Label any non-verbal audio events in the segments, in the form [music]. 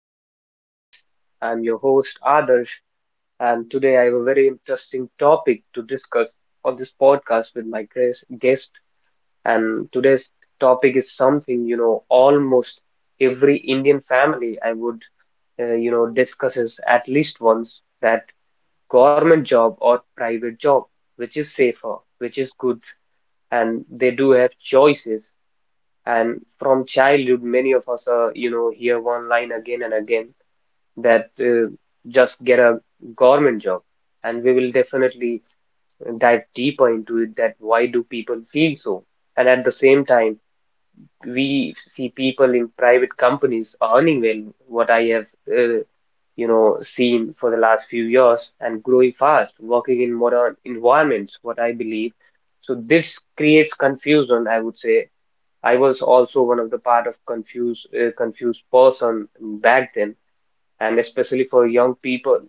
another podcast. I'm your host, Adarsh, and today I have a very interesting topic to discuss on this podcast with my guest. And today's topic is something, almost every Indian family I would, you know, discusses at least once that government job or private job, which is safer, which is good, and they do have choices. And from childhood, many of us, hear one line again and again that just get a government job. And we will definitely dive deeper into it that why do people feel so? And at the same time, we see people in private companies earning well, what I have seen for the last few years and growing fast, working in modern environments, what I believe. So this creates confusion, I would say. I was also one of the part of confused person back then, and especially for young people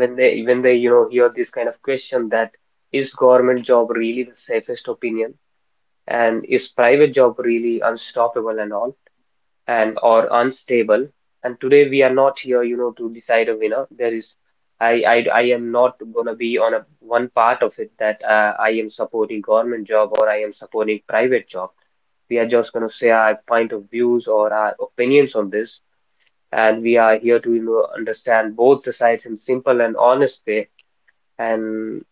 when they you know hear this kind of question that is government job really the safest opinion, and is private job really unstoppable and all, and or unstable. And today we are not here, you know, to decide a winner. There is I am not gonna be on a one part of it that I am supporting government job or I am supporting private job. We are just gonna say our point of views or our opinions on this, and we are here to, you know, understand both the sides in simple and honest way. And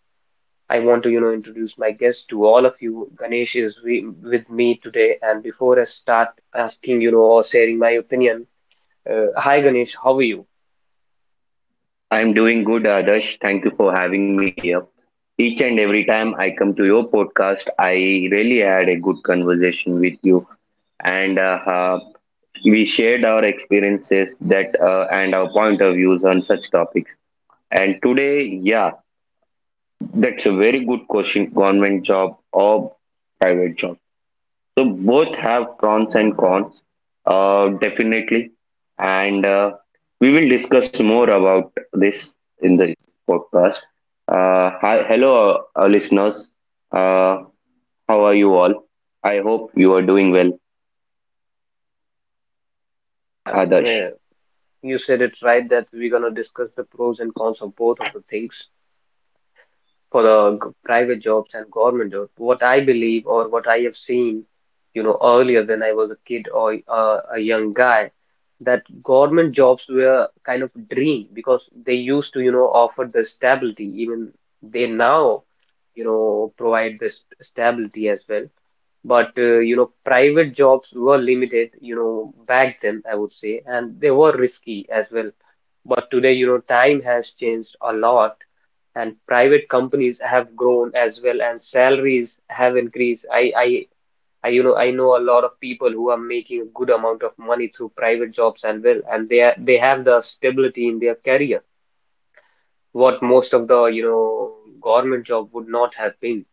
I want to, you know, introduce my guest to all of you. Ganesh is with me today, and before I start asking, you know, or sharing my opinion, hi Ganesh, how are you? I'm doing good, Adarsh. Thank you for having me here. Each and every time I come to your podcast, I really had a good conversation with you, and we shared our experiences that and our point of views on such topics. And today, yeah, that's a very good question: government job or private job. So both have pros and cons, definitely, and we will discuss more about this in the podcast. Hi, hello, our listeners. Uh, how are you all? I hope you are doing well, Yeah, Adarsh. yeah, you said it right that we're gonna discuss the pros and cons of both of the things. For the private jobs and government jobs, what I believe or what I have seen, you know, earlier when I was a kid or a young guy, that government jobs were kind of a dream because they used to, you know, offer the stability. Even they now, you know, provide this stability as well. But you know, private jobs were limited, you know, back then, I would say, and they were risky as well. But today, you know, time has changed a lot, and private companies have grown as well, and salaries have increased. I you know I know a lot of people who are making a good amount of money through private jobs and well, and they have the stability in their career, what most of the, you know, government job would not have been.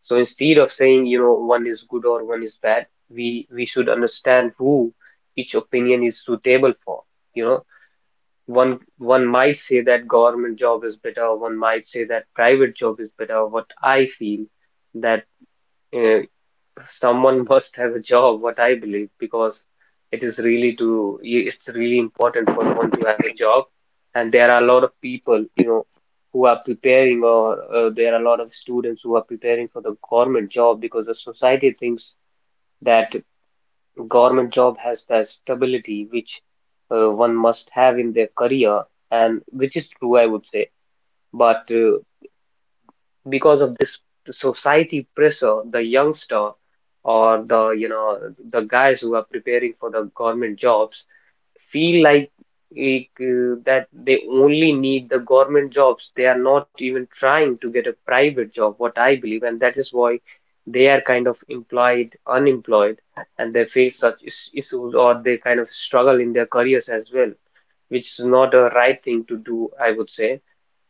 So instead of saying, you know, one is good or one is bad, we should understand who each opinion is suitable for, you know. One might say that government job is better, one might say that private job is better. What I feel that uh, someone [laughs] must have a job, what I believe, because it is really to it's really important for one to have a job. And there are a lot of people, you know, who are preparing, or there are a lot of students who are preparing for the government job because the society thinks that. Government job has that stability which one must have in their career, and which is true, I would say. But because of this society pressure, the youngster or the, you know, the guys who are preparing for the government jobs feel like that they only need the government jobs. They are not even trying to get a private job, what I believe, and that is why they are kind of employed, unemployed, and they face such issues or they kind of struggle in their careers as well, which is not a right thing to do, I would say.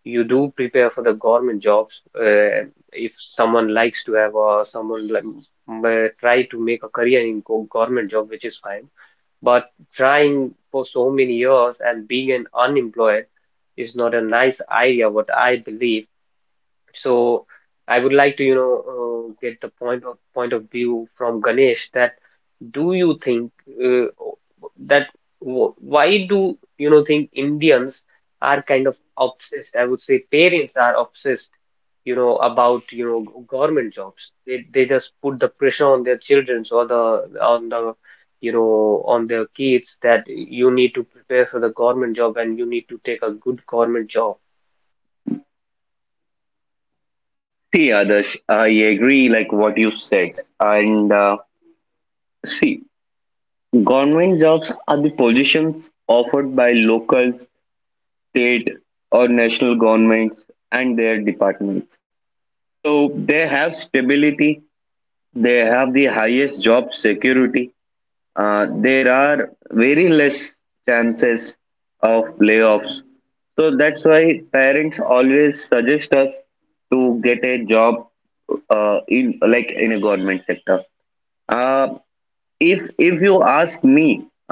You do prepare for the government jobs if someone likes to have or someone may try to make a career in government job, which is fine, but trying for so many years and being an unemployed is not a nice idea, what I believe. So I would like to, you know, get the point of view from Ganesh that do you think uh, that why do you know think Indians are kind of obsessed? I would say parents are obsessed, you know, about you know government jobs. They just put the pressure on their children or the on the, you know, on their kids that you need to prepare for the government job and you need to take a good government job. See, Adarsh, I agree like what you said, and see, government jobs are the positions offered by local, state, or national governments and their departments. So they have stability, they have the highest job security. There are very less chances of layoffs. So that's why parents always suggest us to get a job in in a government sector. Uh, if you ask me,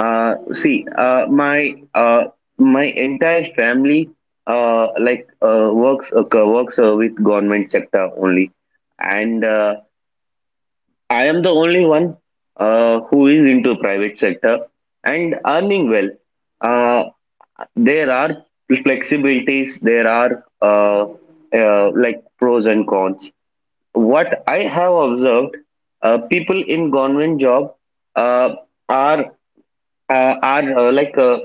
see, my entire family works with government sector only, and I am the only one who is into private sector and earning well. uh there are flexibilities, there are, pros and cons. What I have observed, people in government job, uh, are are like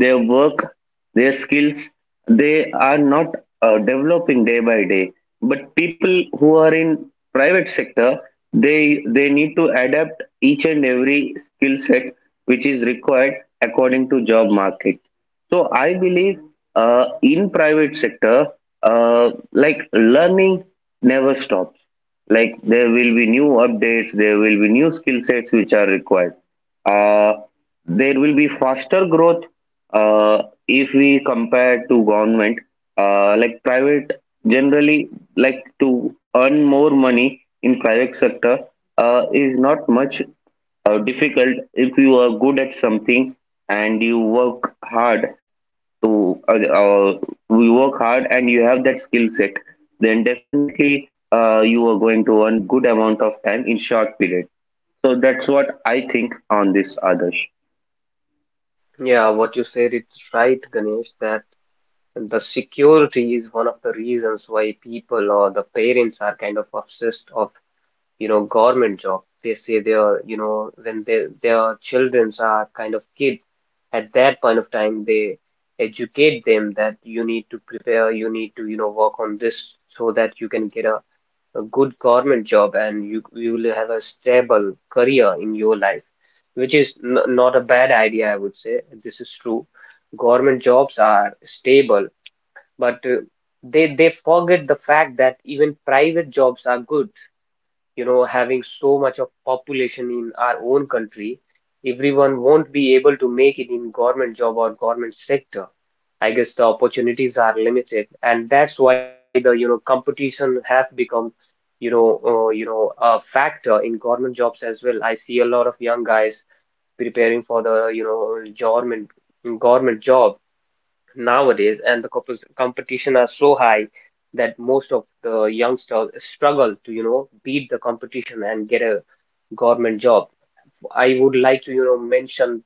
their work, their skills, they are not developing day by day. But people who are in private sector, they need to adapt each and every skill set which is required according to job market. So I believe in private sector, like learning never stops. Like there will be new updates, there will be new skill sets which are required. Uh, there will be faster growth if we compare to government, like private generally. Like to earn more money in private sector is not much difficult if you are good at something and you work hard, to we work hard and you have that skill set, then definitely you are going to earn good amount of time in short period. So that's what I think on this, others. Yeah, what you said is right, Ganesh, that the security is one of the reasons why people or the parents are kind of obsessed of, you know, government job. They say they are, you know, when their childrens are kind of kids, at that point of time, they educate them that you need to prepare, you need to, you know, work on this so that you can get a good government job, and you will have a stable career in your life, which is n not a bad idea, I would say. This is true. Government jobs are stable, but they forget the fact that even private jobs are good, you know, having so much of population in our own country, everyone won't be able to make it in government job or government sector. I guess the opportunities are limited, and that's why the, you know, competition have become, a factor in government jobs as well. I see a lot of young guys preparing for the, you know, government job nowadays, and the competition are so high that most of the youngsters struggle to, you know, beat the competition and get a government job. I would like to, you know, mention,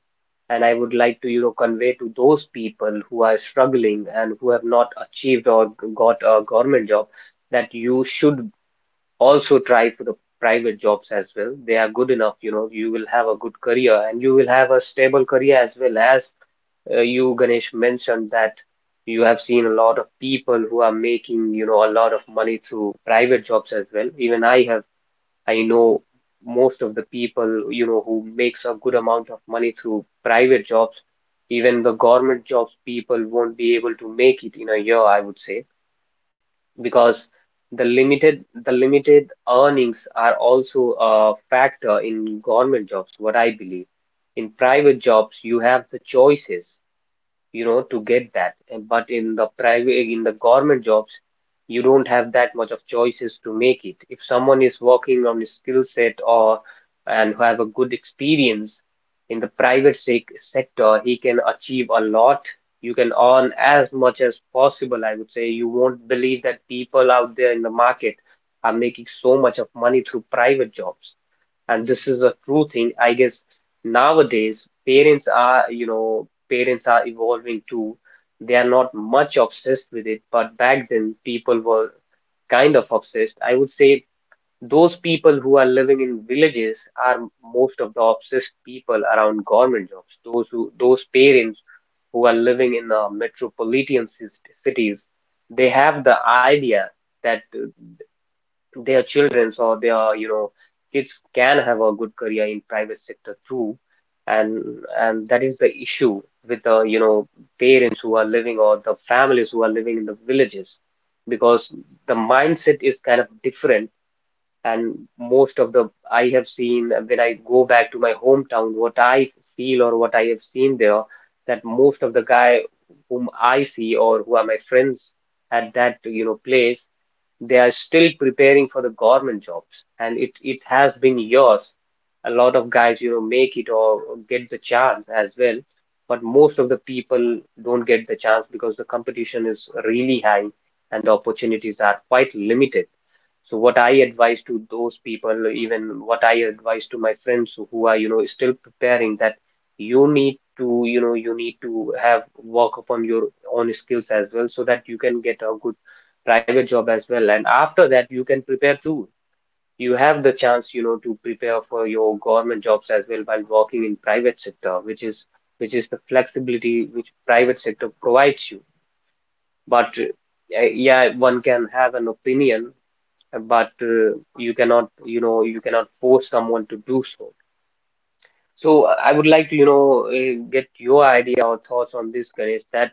and I would like to, you know, convey to those people who are struggling and who have not achieved or got a government job that you should also try for the private jobs as well. They are good enough, you know, you will have a good career and you will have a stable career as well. As you, Ganesh, mentioned that you have seen a lot of people who are making, you know, a lot of money through private jobs as well. Even I have, I know most of the people, you know, who makes a good amount of money through private jobs. Even the government jobs people won't be able to make it in a year, I would say, because the limited earnings are also a factor in government jobs, what I believe. In private jobs, you have the choices, you know, to get that. And- But in the private, in the government jobs, you don't have that much of choices to make it. If someone is working on a skill set or and who have a good experience in the private sector, he can achieve a lot. You can earn as much as possible, I would say. You won't believe that people out there in the market are making so much of money through private jobs, and this is a true thing, I guess. Nowadays parents are, you know, parents are evolving too. They are not much obsessed with it, but back then people were kind of obsessed, I would say. Those people who are living in villages are most of the obsessed people around government jobs. Those who those parents who are living in metropolitan cities, they have the idea that their children or their, you know, kids can have a good career in private sector too. And and that is the issue with the, you know, parents who are living or the families who are living in the villages, because the mindset is kind of different. And most of the, I have seen when I go back to my hometown, what I feel or what I have seen there, that most of the guy whom I see or who are my friends at that, you know, place, they are still preparing for the government jobs, and it has been years. A lot of guys, you know, make it or get the chance as well, but most of the people don't get the chance because the competition is really high and the opportunities are quite limited. So what I advise to those people, even what I advise to my friends who are, you know, still preparing, that you need to, you know, you need to have work upon your own skills as well so that you can get a good private job as well. And after that, you can prepare too. You have the chance, to prepare for your government jobs as well while working in private sector, which is the flexibility which private sector provides you. But yeah, one can have an opinion, but you cannot, you cannot force someone to do so. So I would like to get your idea or thoughts on this, Ganesh. That,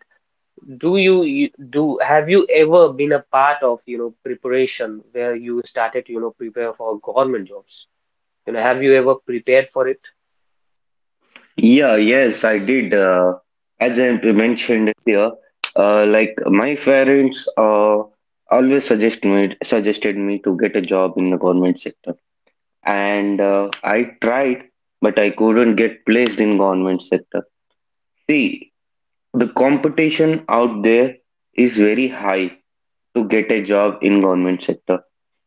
do you, you do have you ever been a part of preparation where you started to, prepare for government jobs? You know, have you ever prepared for it? Yeah, yes, I did. As I mentioned here, my parents suggested me to get a job in the government sector, and I tried, but I couldn't get placed in government sector. See, the competition out there is very high to get a job in government sector.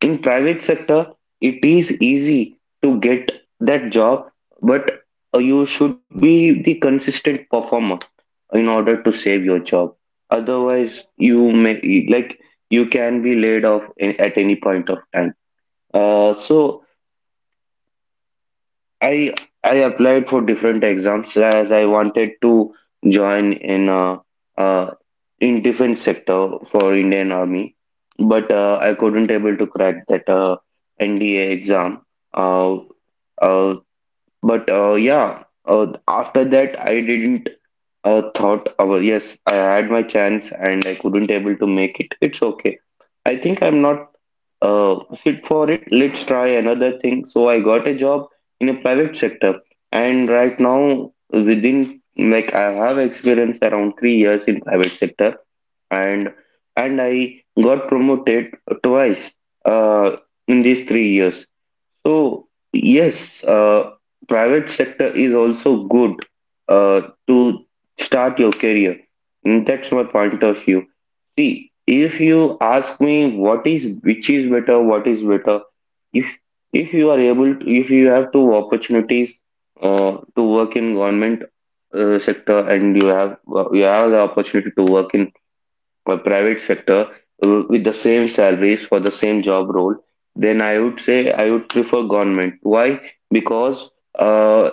In private sector it is easy to get that job, but you should be the consistent performer in order to save your job, otherwise you may, you can be laid off in, at any point of time. So I I applied for different exams as I wanted to join uh, in defense sector for Indian Army, but I couldn't able to crack that NDA exam. Uh, uh, but yeah, after that I didn't thought, oh, yes, I had my chance and I couldn't able to make it. It's okay. I think I'm not fit for it. Let's try another thing. So I got a job in a private sector, and right now, within like I have experience around 3 years in private sector, and and I got promoted twice uh, in these 3 years. So yes, private sector is also good uh, to start your career. Mm. That's my point of view. See, if you ask me what is which is better, what is better, if if you are able to, if you have two opportunities to work in government sector and you have, you have the opportunity to work in a private sector with the same salaries for the same job role, then I would say I would prefer government. Why? Because uh,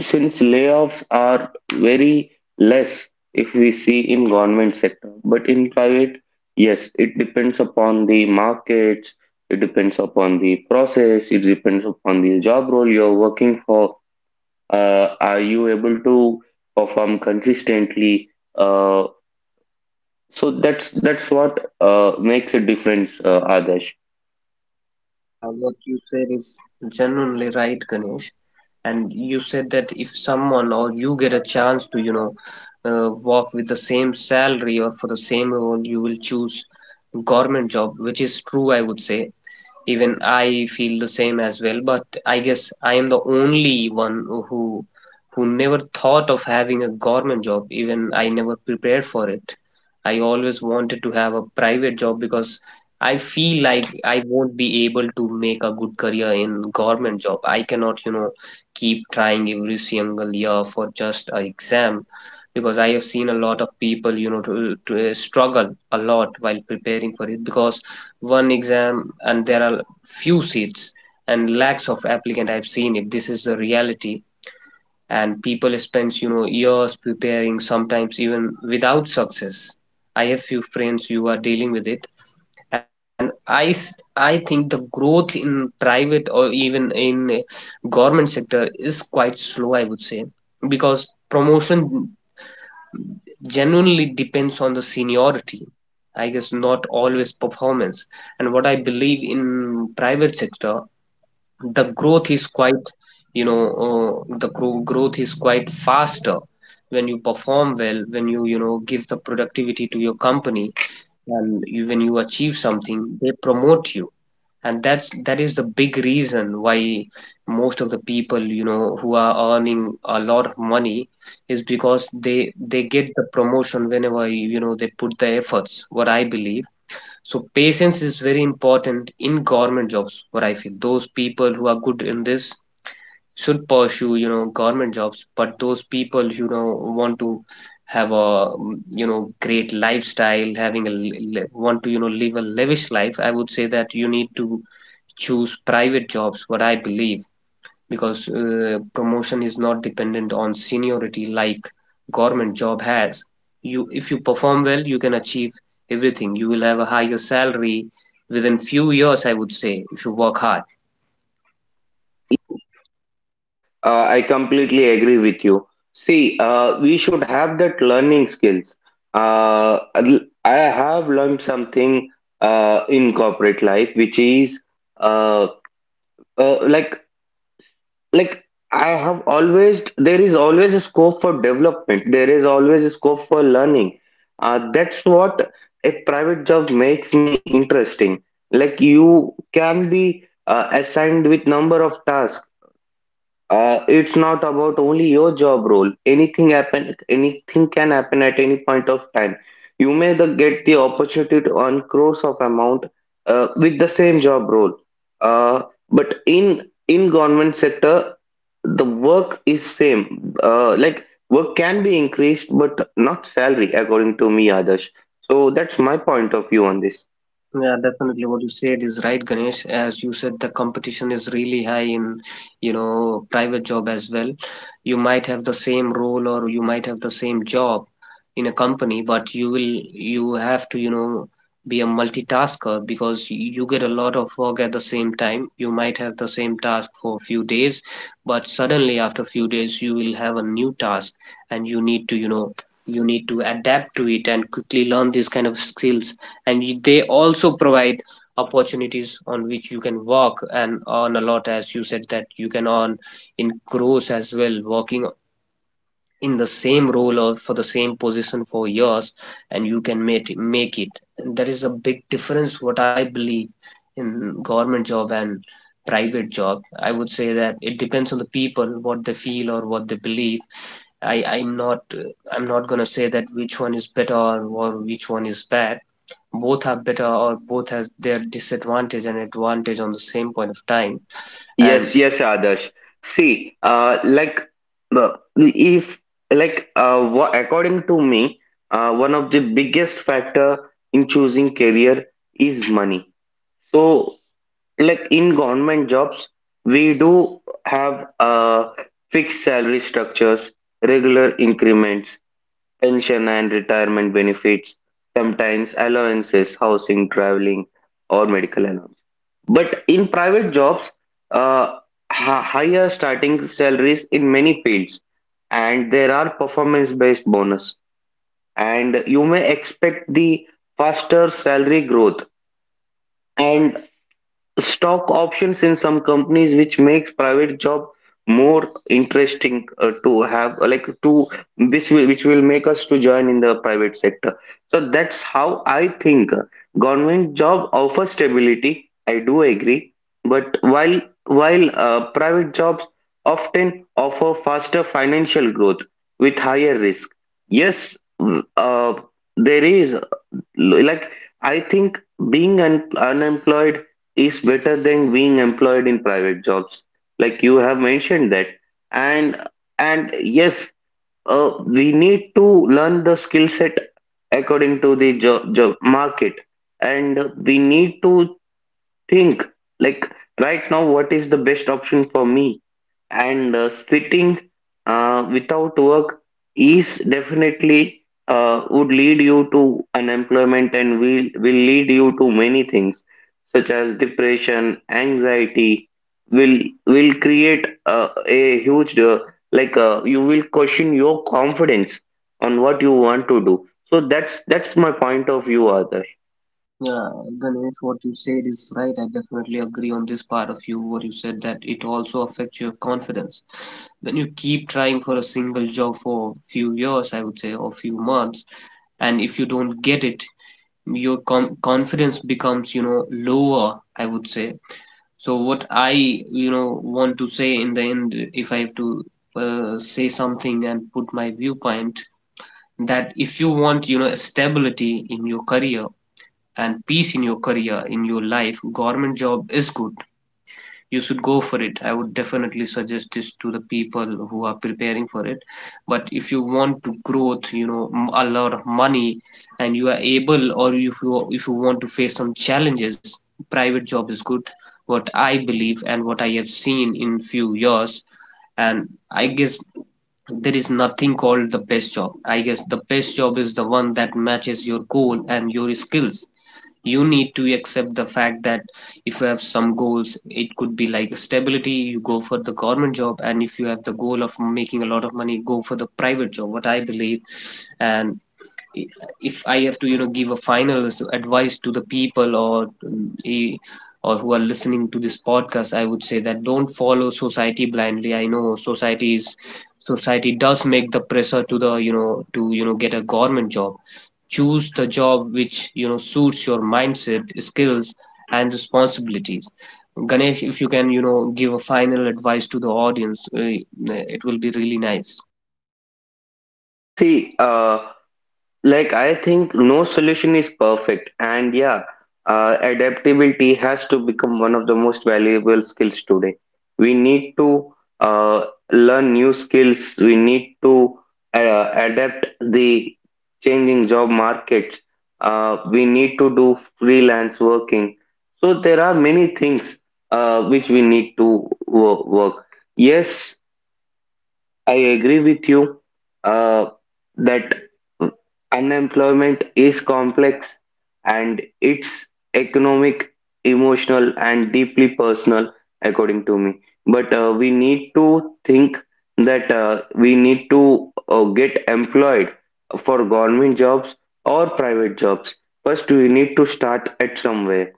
since layoffs are very less if we see in government sector, but in private, yes, it depends upon the markets, it depends upon the process, it depends upon the job role you're working for. Are you able to perform consistently? Uh, so that's what makes a difference, Adesh. Yeah, what you said is genuinely right, Ganesh. And you said that if someone or you get a chance to, work with the same salary or for the same role, you will choose government job, which is true, I would say. Even I feel the same as well, but I guess I am the only one who never thought of having a government job. Even I never prepared for it. I always wanted to have a private job because I feel like I won't be able to make a good career in government job. I cannot, keep trying every single year for just an exam, because I have seen a lot of people, to, struggle a lot while preparing for it. Because one exam and there are few seats and lakhs of applicant, I've seen it, this is the reality. And people spends, years preparing, sometimes even without success. I have few friends who are dealing with it. And I think the growth in private or even in government sector is quite slow, I would say, because promotion genuinely depends on the seniority, I guess, not always performance. And what I believe, in private sector the growth is quite, the growth is quite faster when you perform well, when you know give the productivity to your company. And you, when you achieve something, they promote you. And that is the big reason why most of the people, who are earning a lot of money, is because they get the promotion whenever, they put the efforts, what I believe. So patience is very important in government jobs, what I feel. Those people who are good in this should pursue, government jobs, but those people, want to have a, great lifestyle, having a, want to, live a lavish life, I would say that you need to choose private jobs, what I believe, because promotion is not dependent on seniority like government job has. You, if you perform well, you can achieve everything. You will have a higher salary within few years, I would say, if you work hard. Yes, I completely agree with you. See, we should have that learning skills. I have learned something in corporate life, which is uh, uh, like like I have always, there is always a scope for development, there is always a scope for learning. That's what a private job makes me interesting. Like you can be assigned with number of tasks. It's not about only your job role. Anything can happen at any point of time, you may get the opportunity to earn crores of amount with the same job role. Uh, but in in government sector the work is same, work can be increased but not salary, according to me, others. So that's my point of view on this. Yeah, definitely what you said is right, Ganesh. As you said, the competition is really high in, private job as well. You might have the same role or you might have the same job in a company, but you have to, be a multitasker because you get a lot of work at the same time. You might have the same task for a few days, but suddenly after a few days you will have a new task and you need to adapt to it and quickly learn these kind of skills. And they also provide opportunities on which you can work and earn a lot, as you said that you can earn in crores as well, working in the same role or for the same position for years, and you can make it, make it. And there is a big difference, what I believe, in government job and private job. I would say that it depends on the people, what they feel or what they believe. I i'm not uh, i'm not going to say that which one is better or which one is bad. Both are better, or both has their disadvantage and advantage on the same point of time. Yes, And yes, Adarsh. See, like if like wha according to me, one of the biggest factor in choosing career is money. So, like in government jobs, we do have fixed salary structures, regular increments, pension and retirement benefits, sometimes allowances, housing, traveling, or medical allowance. But in private jobs, uh, higher starting salaries in many fields, and there are performance-based bonus, and you may expect the faster salary growth. And stock options in some companies, which makes private job more interesting to have, like to This will, which will make us to join in the private sector. So that's how I think. Government job offers stability, I do agree, but while private jobs often offer faster financial growth with higher risk. Yes, uh, there is, like, I think being un unemployed is better than being employed in private jobs. Like you have mentioned that. And and yes, uh, we need to learn the skill set according to the job market. And we need to think, like, right now, what is the best option for me? And Sitting without work is definitely would lead you to unemployment and will lead you to many things such as depression, anxiety. will will create a huge, you will question your confidence on what you want to do. So that's my point of view, other. yeah, Ganesh, what you said is right. I definitely agree on this part of you, what you said, that it also affects your confidence when you keep trying for a single job for a few years, I would say, or few months, and if you don't get it, your confidence becomes, lower, I would say. So what I, want to say in the end, if I have to say something and put my viewpoint, that if you want, stability in your career and peace in your career in your life, government job is good, you should go for it. I would definitely suggest this to the people who are preparing for it. But if you want to growth, a lot of money, and you are able, or if you want to face some challenges, private job is good, what I believe and what I have seen in few years. And I guess there is nothing called the best job. I guess the best job is the one that matches your goal and your skills. You need to accept the fact that if you have some goals, it could be like stability, you go for the government job, and if you have the goal of making a lot of money, go for the private job, what I believe. And if I have to, give a final advice to the people, or or who are listening to this podcast, I would say that don't follow society blindly. I know society does make the pressure to the you know to you know get a government job. Choose the job which, suits your mindset, skills, and responsibilities. Ganesh, if you can, give a final advice to the audience, it will be really nice. See, like, I think no solution is perfect, and yeah, adaptability has to become one of the most valuable skills today. We need to uh, learn new skills, we need to adapt the changing job markets, we need to do freelance working. So, there are many things which we need to work. Yes, I agree with you uh, that unemployment is complex, and it's economic, emotional, and deeply personal, according to me. But we need to think that we need to get employed for government jobs or private jobs. First, we need to start at somewhere.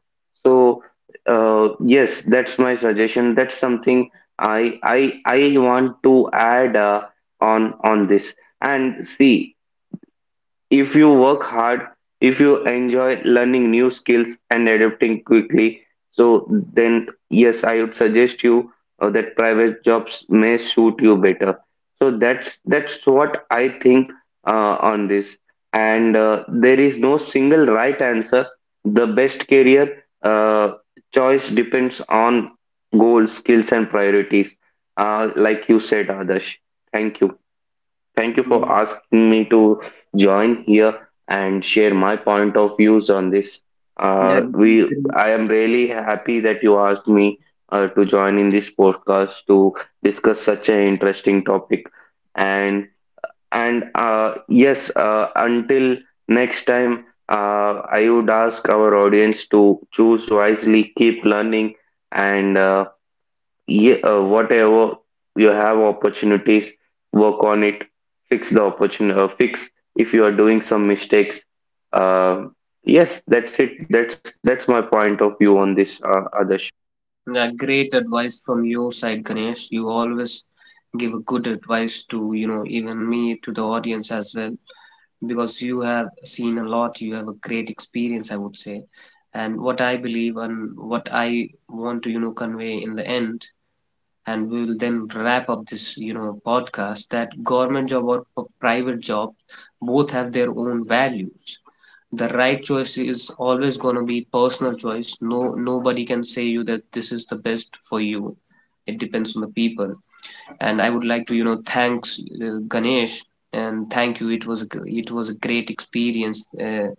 So, yes, that's my suggestion. That's something I want to add on this, and see. If you work hard, if you enjoy learning new skills and adapting quickly, so then yes, I would suggest you that private jobs may suit you better. So that's what I think on this. And there is no single right answer. The best career choice depends on goals, skills, and priorities. Like you said, Adarsh. Thank you. Thank you for asking me to join here and share my point of views on this. Yeah, yeah. I am really happy that you asked me to join in this podcast to discuss such an interesting topic. And and yes, until next time, I would ask our audience to choose wisely, keep learning, and whatever you have opportunities, work on it, fix the opportunity, fix if you are doing some mistakes. uh, yes, that's it. That's my point of view on this, Adarsh. Yeah, great advice from your side, Ganesh. You always give a good advice to, even me, to the audience as well, because you have seen a lot, you have a great experience, I would say. And what I believe and what I want to, convey in the end, and we will then wrap up this, podcast, that government job or private job, both have their own values. The right choice is always going to be personal choice. No, nobody can say you that this is the best for you. It depends on the people. And I would like to, thanks Ganesh, and thank you. It was a great experience,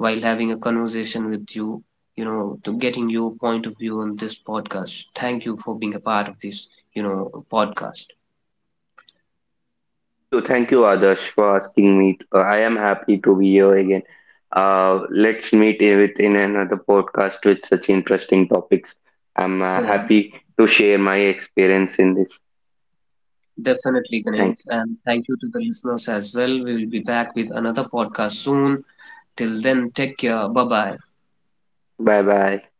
while having a conversation with you, you know to getting your point of view on this podcast. Thank you for being a part of this, podcast. Thank you. Thank you, Adarsh, for asking me. I am happy to be here again. Let's meet within another podcast with such interesting topics. I'm Yeah, happy to share my experience in this. definitely, Ganesh, Thank and thank you to the listeners as well. We will be back with another podcast soon. Till then take care, bye bye. you. Bye bye.